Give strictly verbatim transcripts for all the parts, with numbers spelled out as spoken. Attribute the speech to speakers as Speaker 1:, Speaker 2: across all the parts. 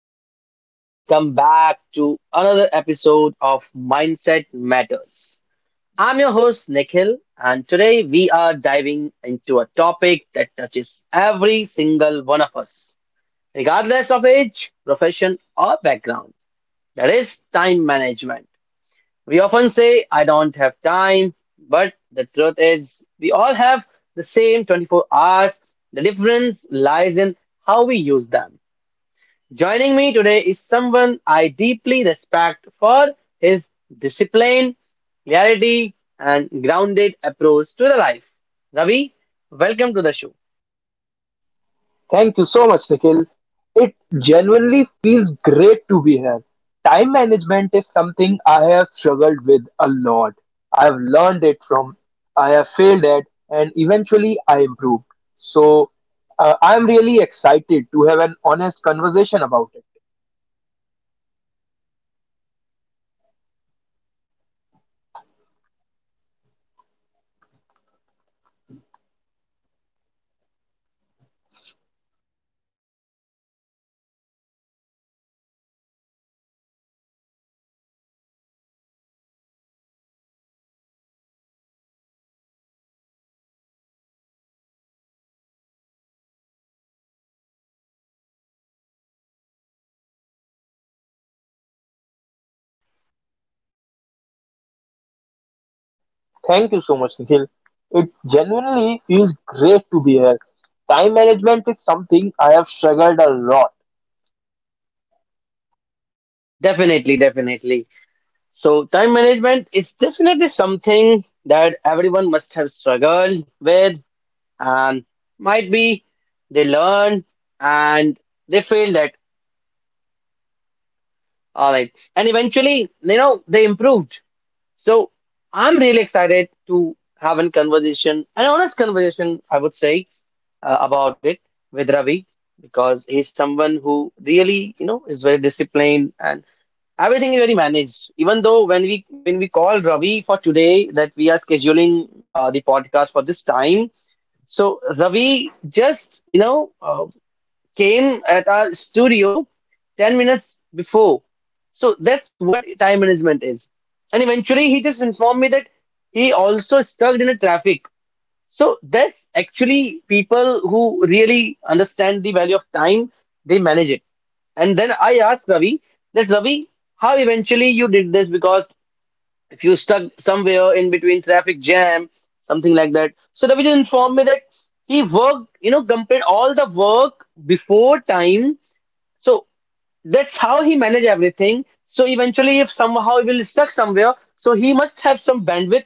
Speaker 1: And welcome back to another episode of Mindset Matters. I'm your host, Nikhil, and today we are diving into a topic that touches every single one of us, regardless of age, profession, or background. That is time management. We often say, I don't have time, but the truth is, we all have the same twenty-four hours. The difference lies in how we use them. Joining me today is someone I deeply respect for his discipline, clarity, and grounded approach to the life. Ravi, welcome to the show.
Speaker 2: Thank you so much, Nikhil. It genuinely feels great to be here. Time management is something I have struggled with a lot. I have learned it from, I have failed at, and eventually I improved. So uh, I'm really excited to have an honest conversation about it. Thank you so much, Nikhil. It genuinely feels great to be here. Time management is something I have struggled a lot.
Speaker 1: Definitely, definitely. So, time management is definitely something that everyone must have struggled with, and might be they learn and they failed at, all right. And eventually, you know, they improved. So, I'm really excited to have a conversation, an honest conversation, I would say, uh, about it with Ravi because he's someone who really, you know, is very disciplined and everything is very managed. Even though when we when we call Ravi for today that we are scheduling uh, the podcast for this time, so Ravi just you know uh, came at our studio ten minutes before. So that's what time management is. And eventually, he just informed me that he also stuck in a traffic. So that's actually people who really understand the value of time, they manage it. And then I asked Ravi that Ravi, how eventually you did this because if you stuck somewhere in between traffic jam, something like that. So Ravi just informed me that he worked, you know, complete all the work before time. So that's how he manage everything, so eventually if somehow he will stuck somewhere, so he must have some bandwidth,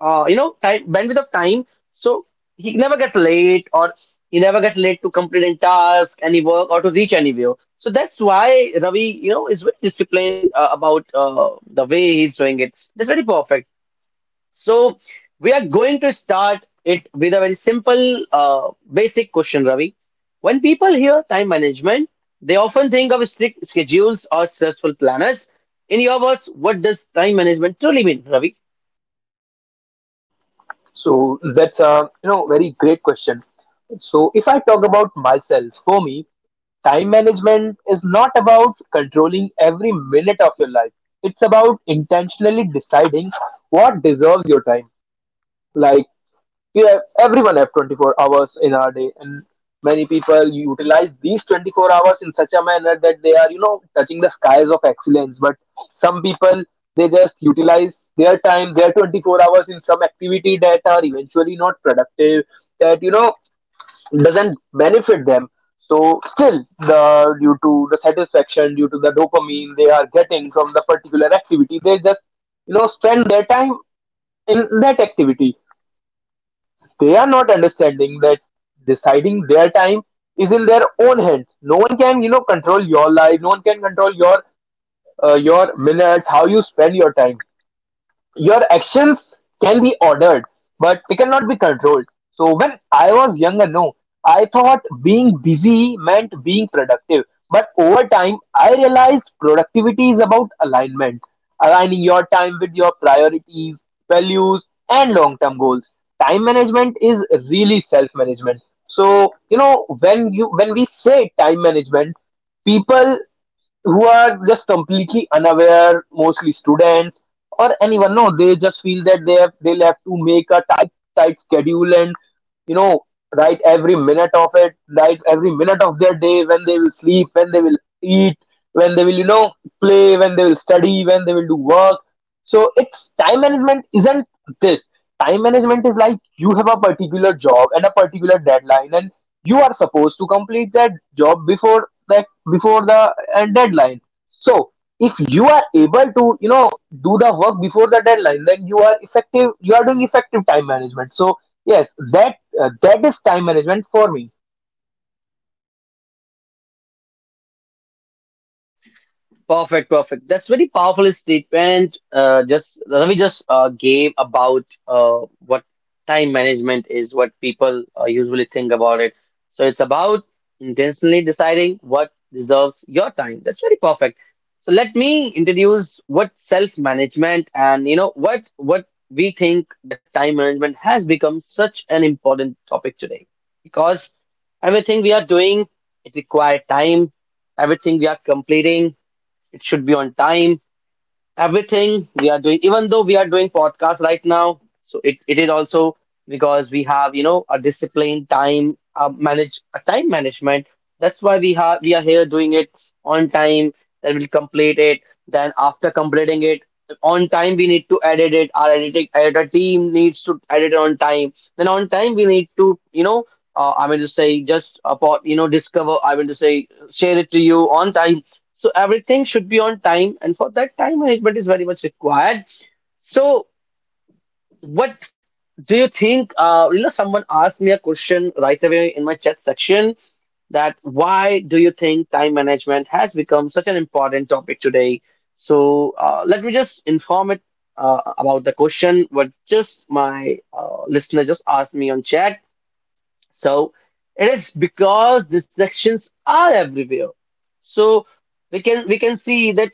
Speaker 1: uh, you know, time, bandwidth of time, so he never gets late, or he never gets late to complete any task, any work, or to reach anywhere. So that's why Ravi, you know, is very disciplined uh, about uh, the way he's doing it. That's very perfect. So we are going to start it with a very simple, uh, basic question, Ravi. When people hear time management, they often think of strict schedules or stressful planners. In your words, what does time management truly mean, Ravi?
Speaker 2: So that's a you know very great question. So if I talk about myself, for me, time management is not about controlling every minute of your life. It's about intentionally deciding what deserves your time. Like, you have everyone have twenty-four hours in our day, and many people utilize these twenty-four hours in such a manner that they are you know touching the skies of excellence. But some people, they just utilize their time, their twenty-four hours, in some activity that are eventually not productive, that you know doesn't benefit them. So still, the due to the satisfaction, due to the dopamine they are getting from the particular activity, they just you know spend their time in that activity. They are not understanding that deciding their time is in their own hands. No one can, you know, control your life. No one can control your uh, your minutes, how you spend your time. Your actions can be ordered, but they cannot be controlled. So when I was younger, no, I thought being busy meant being productive. But over time, I realized productivity is about alignment, aligning your time with your priorities, values, and long term goals. Time management is really self management. So, you know, when you when we say time management, people who are just completely unaware, mostly students or anyone. No, they just feel that they have they'll have to make a tight tight schedule and you know write every minute of it, write every minute of their day, when they will sleep, when they will eat, when they will you know play, when they will study, when they will do work. So it's time management isn't this. Time management is like you have a particular job and a particular deadline, and you are supposed to complete that job before, like before the uh, deadline. So if you are able to you know do the work before the deadline, then you are effective, you are doing effective time management. So yes, that uh, that is time management for me.
Speaker 1: Perfect, perfect. That's very powerful statement. Uh, just Ravi just uh, gave about uh, what time management is, what people uh, usually think about it. So it's about intentionally deciding what deserves your time. That's very perfect. So let me introduce what self-management, and you know, what what we think that time management has become such an important topic today because everything we are doing, it requires time. Everything we are completing, it should be on time. Everything we are doing, even though we are doing podcast right now, so it, it is also because we have, you know, a disciplined time, uh, manage a time management, that's why we have we are here doing it on time, then we'll complete it, then after completing it on time we need to edit it. Our editing editor team needs to edit it on time, then on time we need to, you know, uh, I mean to say just about, you know, discover, I mean to say, share it to you on time. So everything should be on time, and for that, time management is very much required. So, what do you think? Uh, you know, someone asked me a question right away in my chat section, that why do you think time management has become such an important topic today? So, uh, let me just inform it uh, about the question what just my uh, listener just asked me on chat. So, it is because distractions are everywhere. So, we can we can see that,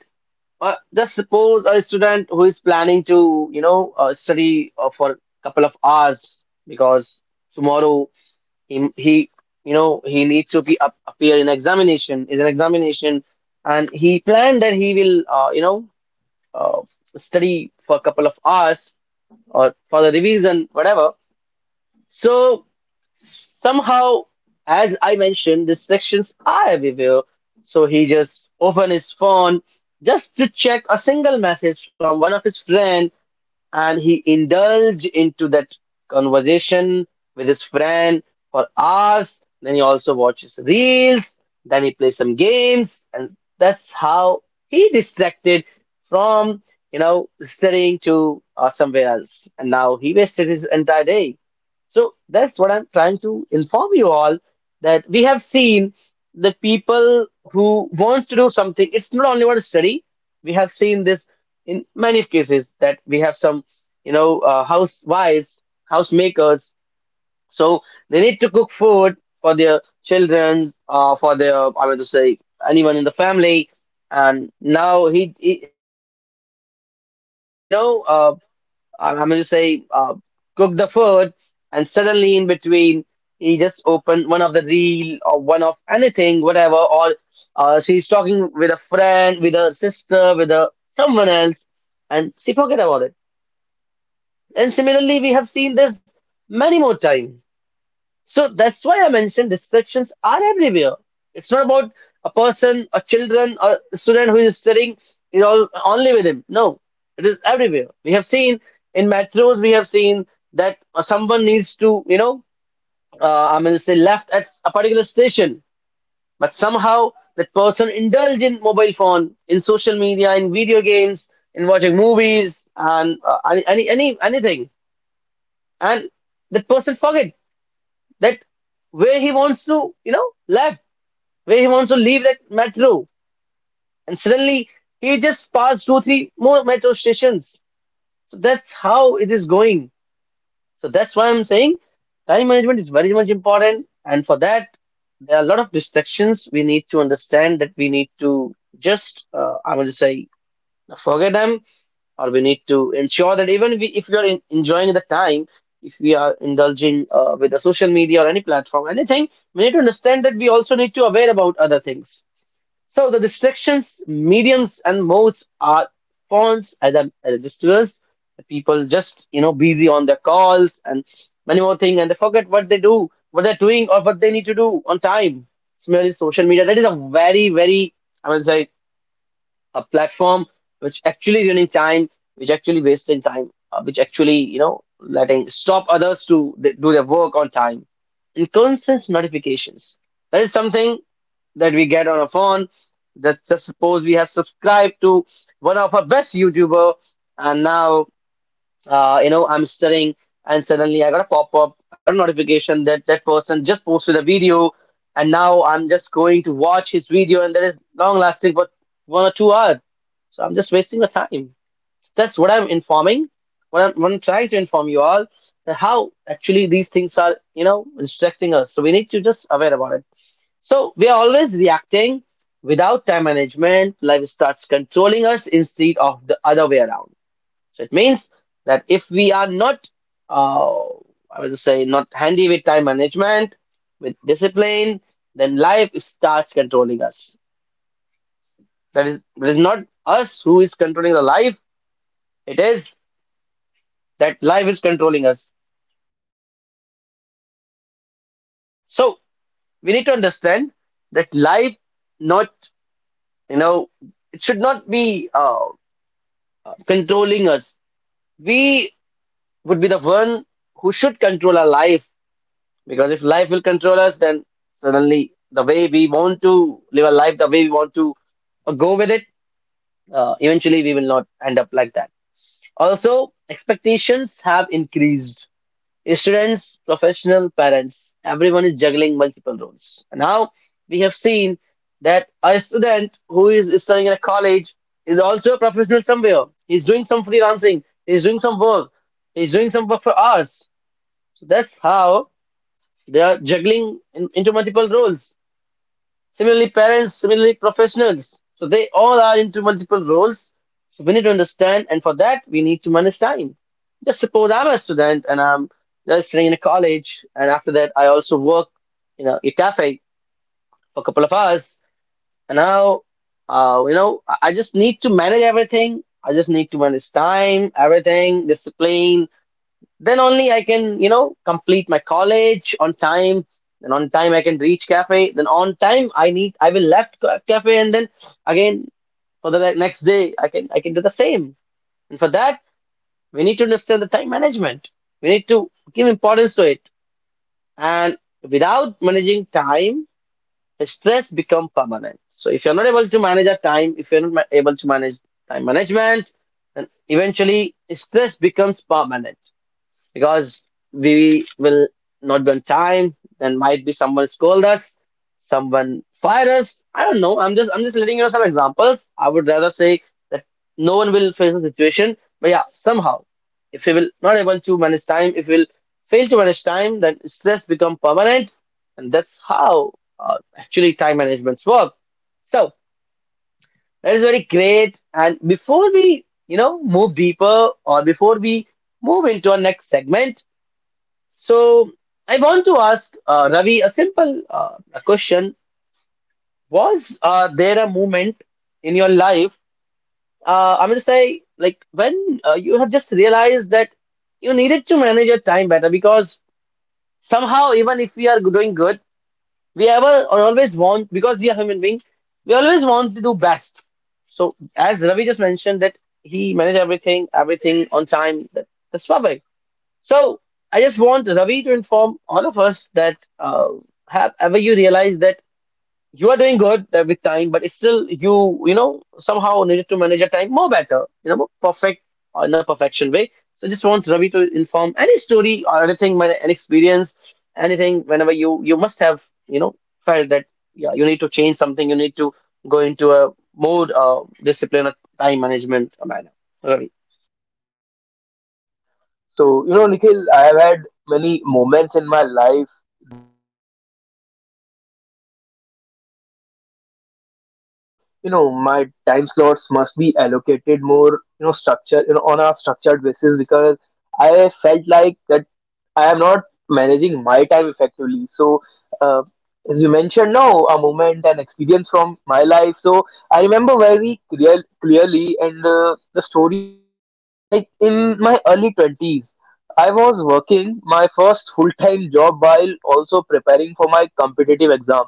Speaker 1: uh, just suppose a student who is planning to, you know, uh, study uh, for a couple of hours, because tomorrow he, he, you know, he needs to be up, appear in examination, is an examination, and he planned that he will, uh, you know, uh, study for a couple of hours or for the revision, whatever. So somehow, as I mentioned, distractions are everywhere. So he just opened his phone just to check a single message from one of his friend, and he indulged into that conversation with his friend for hours. Then he also watches reels, then he plays some games, and that's how he distracted from, you know, studying to uh, somewhere else. And now he wasted his entire day. So that's what I'm trying to inform you all, that we have seen that people who wants to do something, it's not only about study. We have seen this in many cases that we have some, you know, uh, housewives, housemakers, so they need to cook food for their childrens, uh, for their, I mean to say, anyone in the family, and now he, he just, it's just going to, uh, you know, uh, uh, I'm going to say, uh, cook the food, and suddenly in between, he just opened one of the reel or one of anything, whatever, or uh, she's talking with a friend, with a sister, with a someone else, and she forget about it. And similarly, we have seen this many more times, so that's why I mentioned distractions are everywhere. It's not about a person, a children, or a student who is studying, you know, only with him. No, it is everywhere. We have seen in metros, we have seen that someone needs to, you know, uh, I'm going to say left at a particular station, but somehow that person indulge in mobile phone, in social media, in video games, in watching movies, and uh, any, any any- anything, and that person forget that where he wants to, you know, left, where he wants to leave that metro. And suddenly he just passed two, three more metro stations. So that's how it is going. So that's why I'm saying time management is very much important. And for that, there are a lot of distractions. We need to understand that we need to just, uh, I would say, forget them, or we need to ensure that even we, if we are in, enjoying the time, if we are indulging uh, with the social media or any platform, anything, we need to understand that we also need to aware about other things. So the distractions, mediums, and modes are phones as a registers. The People just, you know, busy on their calls and many more things, and they forget what they do, what they're doing, or what they need to do on time. Similarly, social media, that is a very very, i mean say, a platform which actually running time, which actually wasting time, uh, which actually, you know, letting stop others to th- do their work on time. And constant notifications. That is something that we get on a phone. Just just suppose we have subscribed to one of our best YouTuber, and now, uh, you know, I'm studying, and suddenly I got a pop-up, I got a notification that that person just posted a video, and now I'm just going to watch his video, and that is long lasting for one or two hours. So I'm just wasting the time. That's what I'm informing. What I'm, what I'm trying to inform you all, that how actually these things are, you know, distracting us. So we need to just aware about it. So we are always reacting without time management. Life starts controlling us instead of the other way around. So it means that if we are not, uh, I would say, not handy with time management, with discipline, then life starts controlling us. That is, it is not us who is controlling the life, it is that life is controlling us. So we need to understand that life, not, you know, it should not be uh, uh, controlling us. We would be the one who should control our life. Because if life will control us, then suddenly the way we want to live a life, the way we want to uh, go with it, uh, eventually we will not end up like that. Also, expectations have increased. Students, professional, parents, everyone is juggling multiple roles. Now we have seen that a student who is studying in a college is also a professional somewhere. He's doing some freelancing, he's doing some work, he's doing some work for us. So that's how. They are juggling in, into multiple roles. Similarly, parents, similarly, professionals. So they all are into multiple roles. So we need to understand, and for that, we need to manage time. Just suppose I'm a student and I'm just studying in a college, and after that, I also work in a, a cafe for a couple of hours. And now, uh, you know, I I just need to manage everything. I just need to manage time, everything, discipline, then only I can, you know, complete my college on time. And on time I can reach cafe. Then on time I need I will left ca- cafe and then again for the ne- next day I can I can do the same. And for that we need to understand the time management. We need to give importance to it. And without managing time, the stress become permanent. So if you're not able to manage your time, if you're not ma- able to manage time management, then eventually stress becomes permanent because we will not be on time. Then might be someone scold us, someone fire us. I don't know. I'm just I'm just letting you know some examples. I would rather say that no one will face the situation. But yeah, somehow, if we will not able to manage time, if we will fail to manage time, then stress become permanent, and that's how uh, actually time managements work. So that is very great. And before we, you know, move deeper or before we move into our next segment, so I want to ask uh, Ravi a simple uh, a question. Was uh, there a moment in your life, uh, I'm going to say, like when uh, you have just realized that you needed to manage your time better because somehow, even if we are doing good, we ever or always want, because we are human beings, we always want to do best. So as Ravi just mentioned that he managed everything, everything on time, that, that's perfect. So I just want Ravi to inform all of us that uh, have ever you realize that you are doing good uh, with time, but it's still you, you know, somehow needed to manage your time more better, you know, more perfect or in a perfection way. So just want Ravi to inform any story or anything, my- an experience, anything. Whenever you you must have, you know, felt that yeah, you need to change something, you need to go into a mode of discipline, of time management manner. Ravi.
Speaker 2: So, you know, Nikhil, I have had many moments in my life that I felt that I must be managing my time more carefully. You know, my time slots must be allocated more, you know, structure, you know, on a structured basis, because I felt like that I am not managing my time effectively. So, uh, as you mentioned, now a moment and experience from my life. So, I remember very clear, clearly, and uh, the story was uh, like in my early twenties, I was working my first full time job while also preparing for my competitive exam.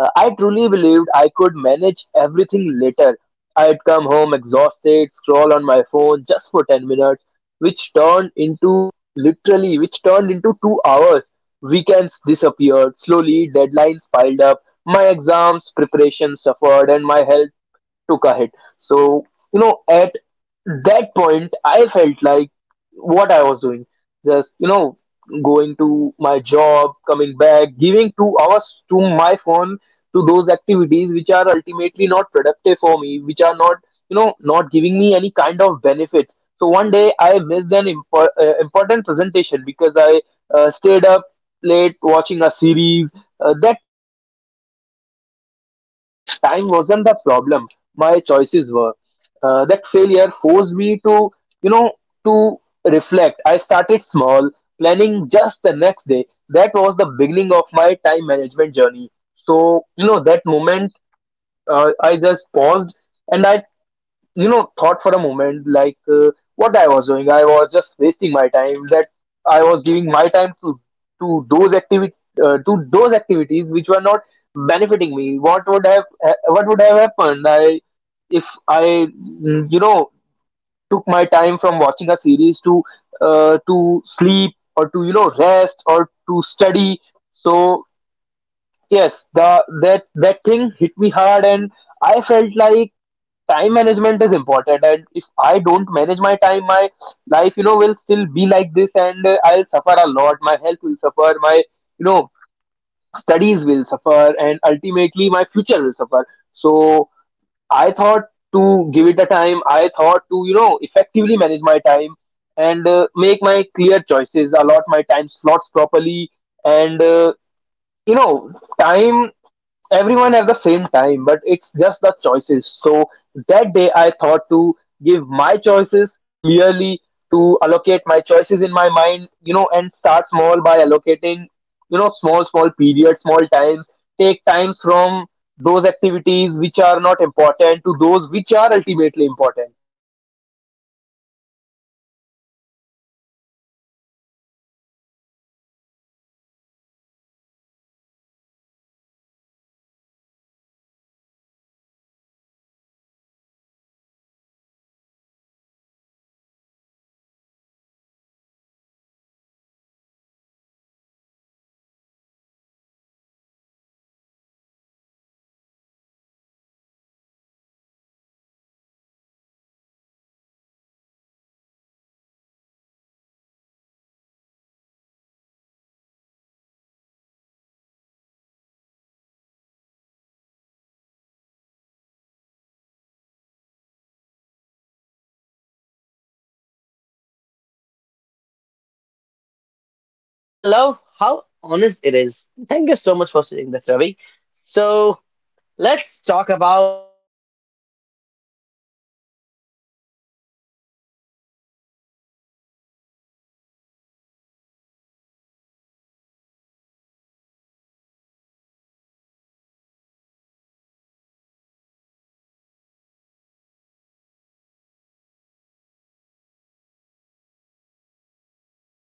Speaker 2: Uh, I truly believed I could manage everything later. I'd come home exhausted, scroll on my phone just for ten minutes, which turned into literally, which turned into two hours. Weekends disappeared slowly, deadlines piled up, my exams preparation suffered, and my health took a hit. So, you know, at that point, I felt like what I was doing, just, you know, going to my job, coming back, giving two hours to my phone, to those activities which are ultimately not productive for me, which are not, you know, not giving me any kind of benefits. So one day I missed an impor- uh, important presentation because I uh, stayed up late watching a series. Uh, that moment hit me hard. I realized time wasn't the problem, my choices were. Uh, that failure forced me to, you know, to reflect. I started small, planning just the next day. That was the beginning of my time management journey. So, you know, that moment uh, I just paused, and I you know thought for a moment like uh, what I was doing. I was just wasting my time, that I was giving my time to to those activities, uh, to those activities which were not benefiting me. What would have uh, what would have happened, I if I mm, you know took my time from watching a series to uh, to sleep or to you know rest or to study? So yes, the that that thing hit me hard, and I felt like time management is important, and if I don't manage my time, my life you know will still be like this, and uh, I'll suffer a lot. My health will suffer, my you know studies will suffer, and ultimately my future will suffer. So I thought to give it a time. I thought to you know effectively manage my time, and uh, make my clear choices, allot my time slots properly, and uh, you know, time, everyone have the same time, but it's just the choices. So that day I thought to give my choices clearly, to allocate my choices in my mind, you know, and start small by allocating you know small small periods, small times. Take times from those activities which are not important to those which are ultimately important. So yes, this story I still remember because this was the starting, this was the beginning of my time management, and that moment uh, uh, taught me a lot about you know the importance of time management.
Speaker 1: That's very perfect, and the story eventually feels incredible, relatable, and because I I can understand, and those uh, who are doing uh, work and with the ex competitive exams or doing any kind of study with job. So if you're listening this, you can connect with this what Ravi just informed us that how he just managed everything. First, he spoiled everything and then he managed everything. That's perfect, Ravi. That's how uh, good you are into time management, and I love how honest it is. Thank you so much for saying that, Ravi. So let's talk about how time management looks different across age groups because we cannot, you know, give a same plan of action to every uh, category. That uh, like just suppose if someone is in uh, is or doing a study, if someone is, uh, I'm going to say,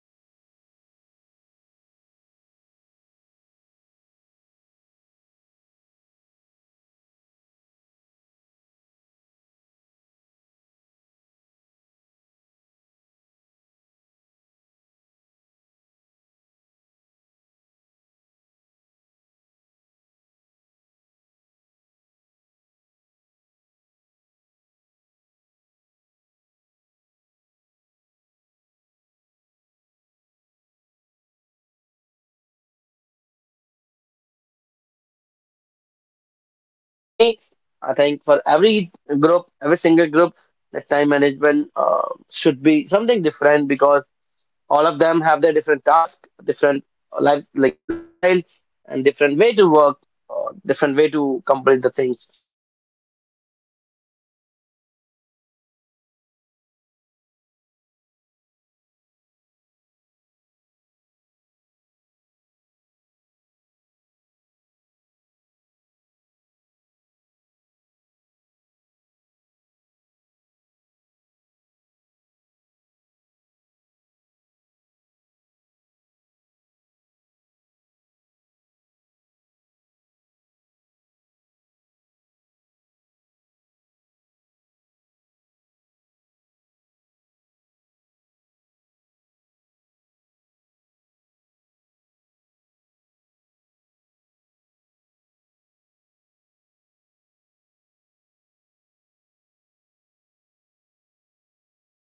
Speaker 1: doing job, if someone is old. So, I mean, uh, we cannot give the same plan to all the age groups, starting with children and teenagers. So, what should time management look like for them, Ravi? What do you think? What guidance you just want to give them to all of them with your experience, with your, uh, I mean, to say the stories or something like that? So what do you want to give the time management? I- Do you think that uh, there should be a, a single a plan for all the age groups? Or do you think that for all the age groups it should be different? Because I, for personally for me, I think for every group, every single group, the time management uh, should be something different because all of them have their different tasks, different uh, life like lifestyle, and different way to work, or different way to complete the things. So I think uh, everyone should have a different uh, plan of action. I am going to say not everyone. Uh, I going to say every age group should have a different uh, way to uh, manage time. So Ravi, I just want you to inform everyone what should time management look like for them. Ravi.
Speaker 2: So different age groups cannot have you know same timetable or same routine, and even people from same same age group cannot have same you know routine, because everyone have different activities, everyone you know have different priorities set in their mind. Uh, for for young people, time management should never feel like pressure. They take it as pressure, they take it like, oh, what will happen if I you know if I not manage my day properly, if I don't give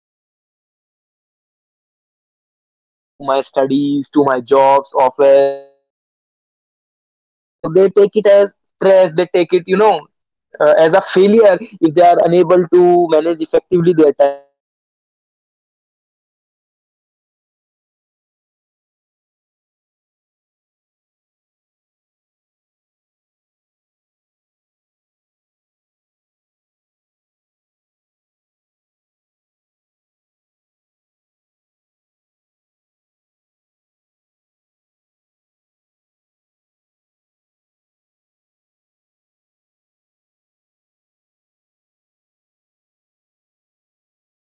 Speaker 2: the amount of time, amount of required time, to my studies, to my jobs, office, or any other important work. So they take it as stress, they take it you know uh, as a failure if they are unable to manage effectively their time, and ultimately their mental health suffers. Also, it, sh- it shouldn't feel like a pressure, it should feel like a guidance, feel like a teacher. You know, they must be having you know uh, effective time in their mind where to give what time, and uh, it should be like a guidance, like it's it it it feel it should be feeling like a guiding light that ultimately you know gives you the instruction, direction, where to give how much time. So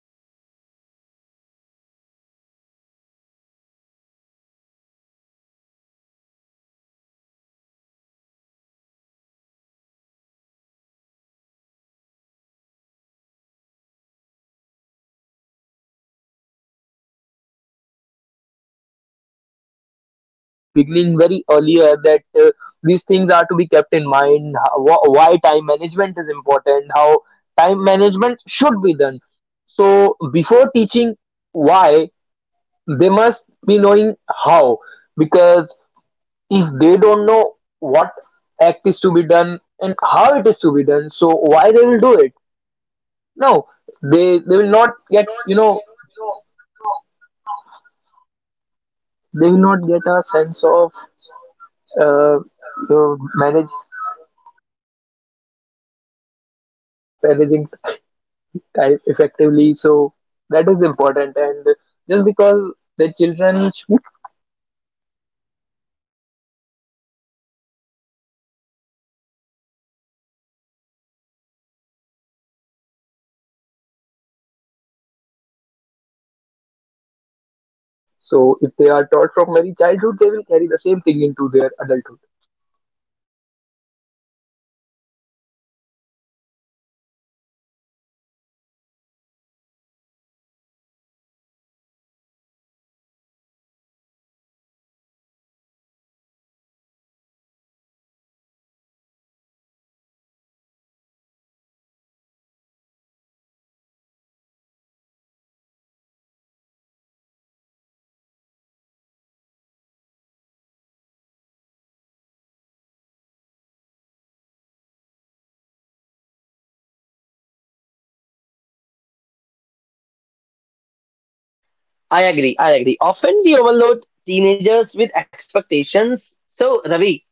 Speaker 2: at that age, it's about building habits, allocating time for studies, uh, allocating time for playing, resting, curiosity. You know, if kids learn early that time isn't just for work, but also for growth and joy, they carry that balance into adulthood. So they must be taught from you know very beginning, very earlier, that uh, these things are to be kept in mind. How, why time management is important. How time management should be done. So before teaching why, they must be knowing how. Because if they don't know what act is to be done and how it is to be done, so why they will do it? No, they they will not get you know they will not get a sense of uh, you know, manage managing time effectively. So that is important, and just because the children. So if they are taught from very childhood, they will carry the same thing into their adulthood.
Speaker 1: I agree. I agree. Often we overload teenagers with expectations. So, Ravi,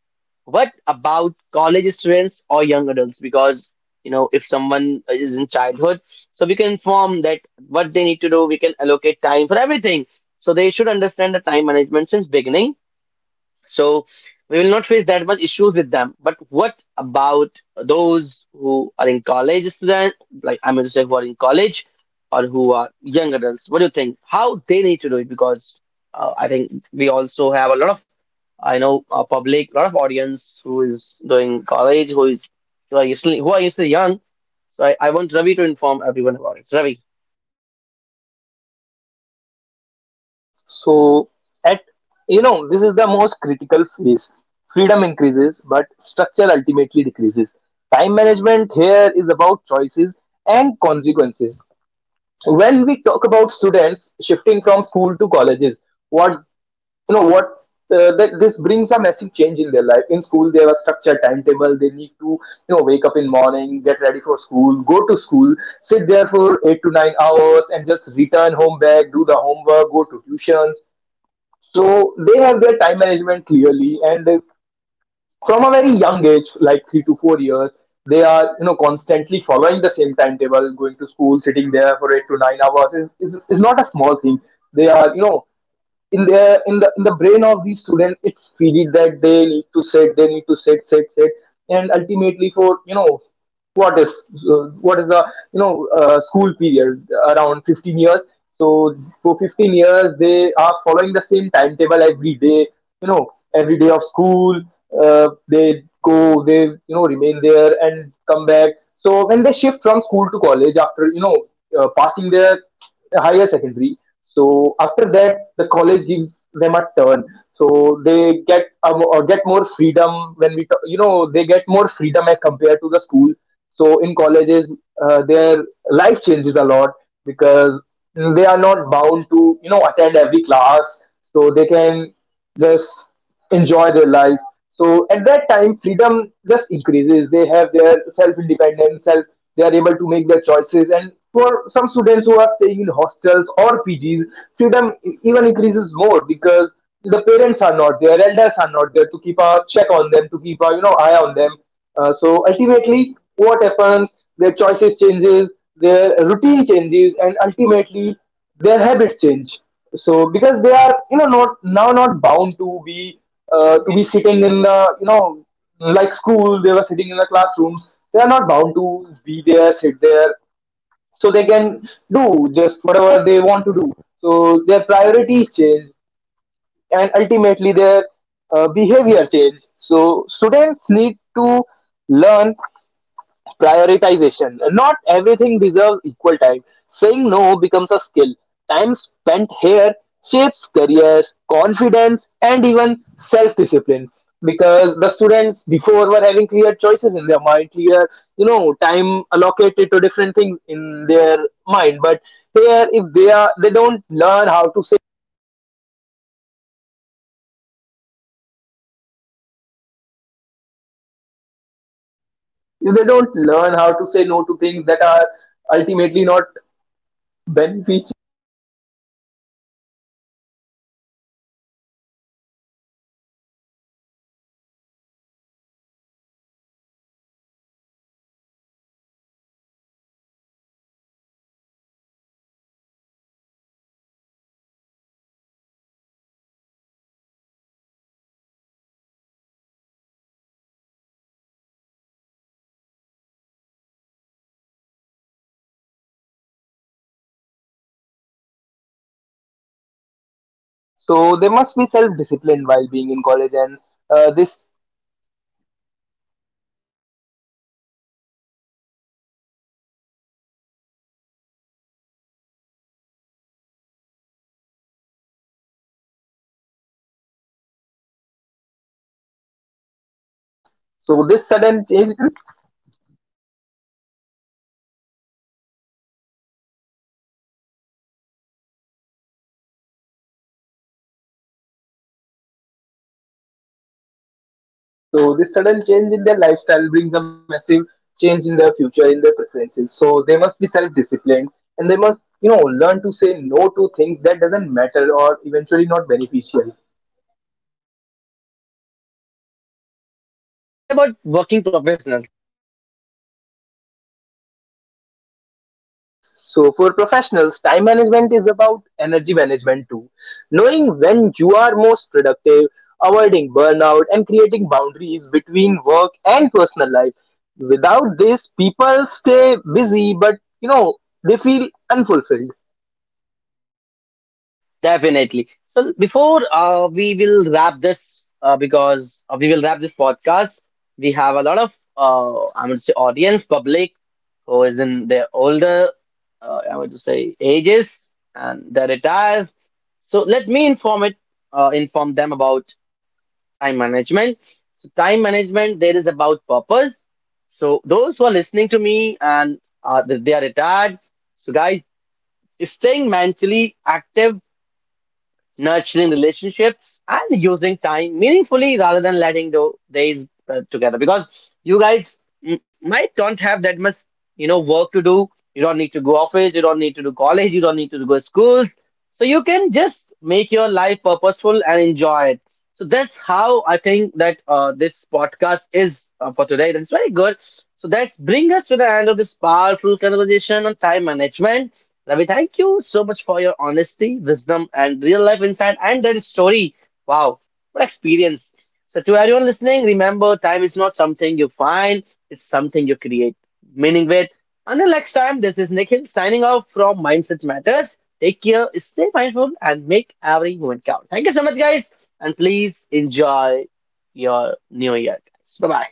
Speaker 1: what about college students or young adults? Because, you know, if someone is in childhood, so we can inform that what they need to do, we can allocate time for everything. So they should understand the time management since beginning. So we will not face that much issues with them. But what about those who are in college student, like I'm going to say who are in college or who are young adults? What do you think? How they need to do it? Because uh, I think we also have a lot of, I know, uh public, a lot of audience who is doing college, who is who are still who are still young. So I, I want Ravi to inform everyone about it. Ravi.
Speaker 2: So at you know, this is the most critical phase. Freedom increases, but structure ultimately decreases. Time management here is about choices and consequences. When we talk about students shifting from school to colleges, what you know what uh, that this brings a massive change in their life. In school they have a structured timetable. They need to you know wake up in morning, get ready for school, go to school, sit there for eight to nine hours, and just return home back, do the homework, go to tuitions. So they have their time management clearly, and uh, from a very young age like three to four years, they are you know constantly following the same timetable. Going to school, sitting there for eight to nine hours is, is, is not a small thing. They are you know in the in the in the brain of these students, it's feeding that they need to set they need to set set set, and ultimately for you know what is uh, what is the you know uh, school period, around fifteen years. So for fifteen years they are following the same timetable every day, you know, every day of school. Uh, they go, they you know remain there and come back. So when they shift from school to college after you know uh, passing their higher secondary, so after that, the college gives them a turn. So they get um, or get more freedom when we, t- you know, they get more freedom as compared to the school. So in colleges, uh, their life changes a lot because they are not bound to, you know, attend every class. So they can just enjoy their life. So at that time, freedom just increases. They have their self-independence, self. They are able to make their choices. And for some students who are staying in hostels or P Gs, freedom e- even increases more because the parents are not there, elders are not there, to keep a check on them, to keep a you know eye on them. Uh, so ultimately, what happens? Their choices changes, their routine changes, and ultimately their habits change. So because they are you know not now not bound to be uh, to be sitting in the you know like school, they were sitting in the classrooms, they are not bound to be there, sit there. So they can do just whatever they want to do. So their priorities change, and ultimately their uh, behavior change. So students need to learn prioritization. Not everything deserves equal time. Saying no becomes a skill. Time spent here shapes careers, confidence, and even self discipline. Because the students before were having clear choices in their mind, clear, you know, time allocated to different things in their mind. But here, if they are, they don't learn how to say, if they don't learn how to say no to things that are ultimately not beneficial. So they must be self-disciplined while being in college, and uh, this uh, so this sudden change, so this sudden change in their lifestyle brings a massive change in their future, in their preferences. So they must be self-disciplined, and they must you know learn to say no to things that doesn't matter or eventually not beneficial.
Speaker 1: And what about working professionals?
Speaker 2: So for professionals, time management is about energy management too. Knowing when you are most productive, avoiding burnout, and creating boundaries between work and personal life. Without this, people stay busy, but you know, they feel unfulfilled.
Speaker 1: Definitely. So before uh, we will wrap this, uh, because uh, we will wrap this podcast, we have a lot of uh, I would say audience, public who is in their older, uh, I would say ages, and they retires. So let me inform it, uh, inform them about time management. So time management there is about purpose. So those who are listening to me and uh, they are retired. So guys staying mentally active, nurturing relationships, and using time meaningfully rather than letting the days uh, together. Because you guys m- might don't have that much, you know, work to do. You don't need to go office. You don't need to do college. You don't need to go schools. So you can just make your life purposeful and enjoy it. So that's how I think that uh, this podcast is uh, for today. That's very good. So that's bring us to the end of this powerful conversation on time management. Ravi, thank you so much for your honesty, wisdom, and real life insight and that story. Wow, what experience. So, to everyone listening, remember time is not something you find, it's something you create. Meaning with. Until next time, this is Nikhil signing off from Mindset Matters. Take care, stay mindful, and make every moment count. Thank you so much, guys, and please enjoy your new year, guys. Bye bye.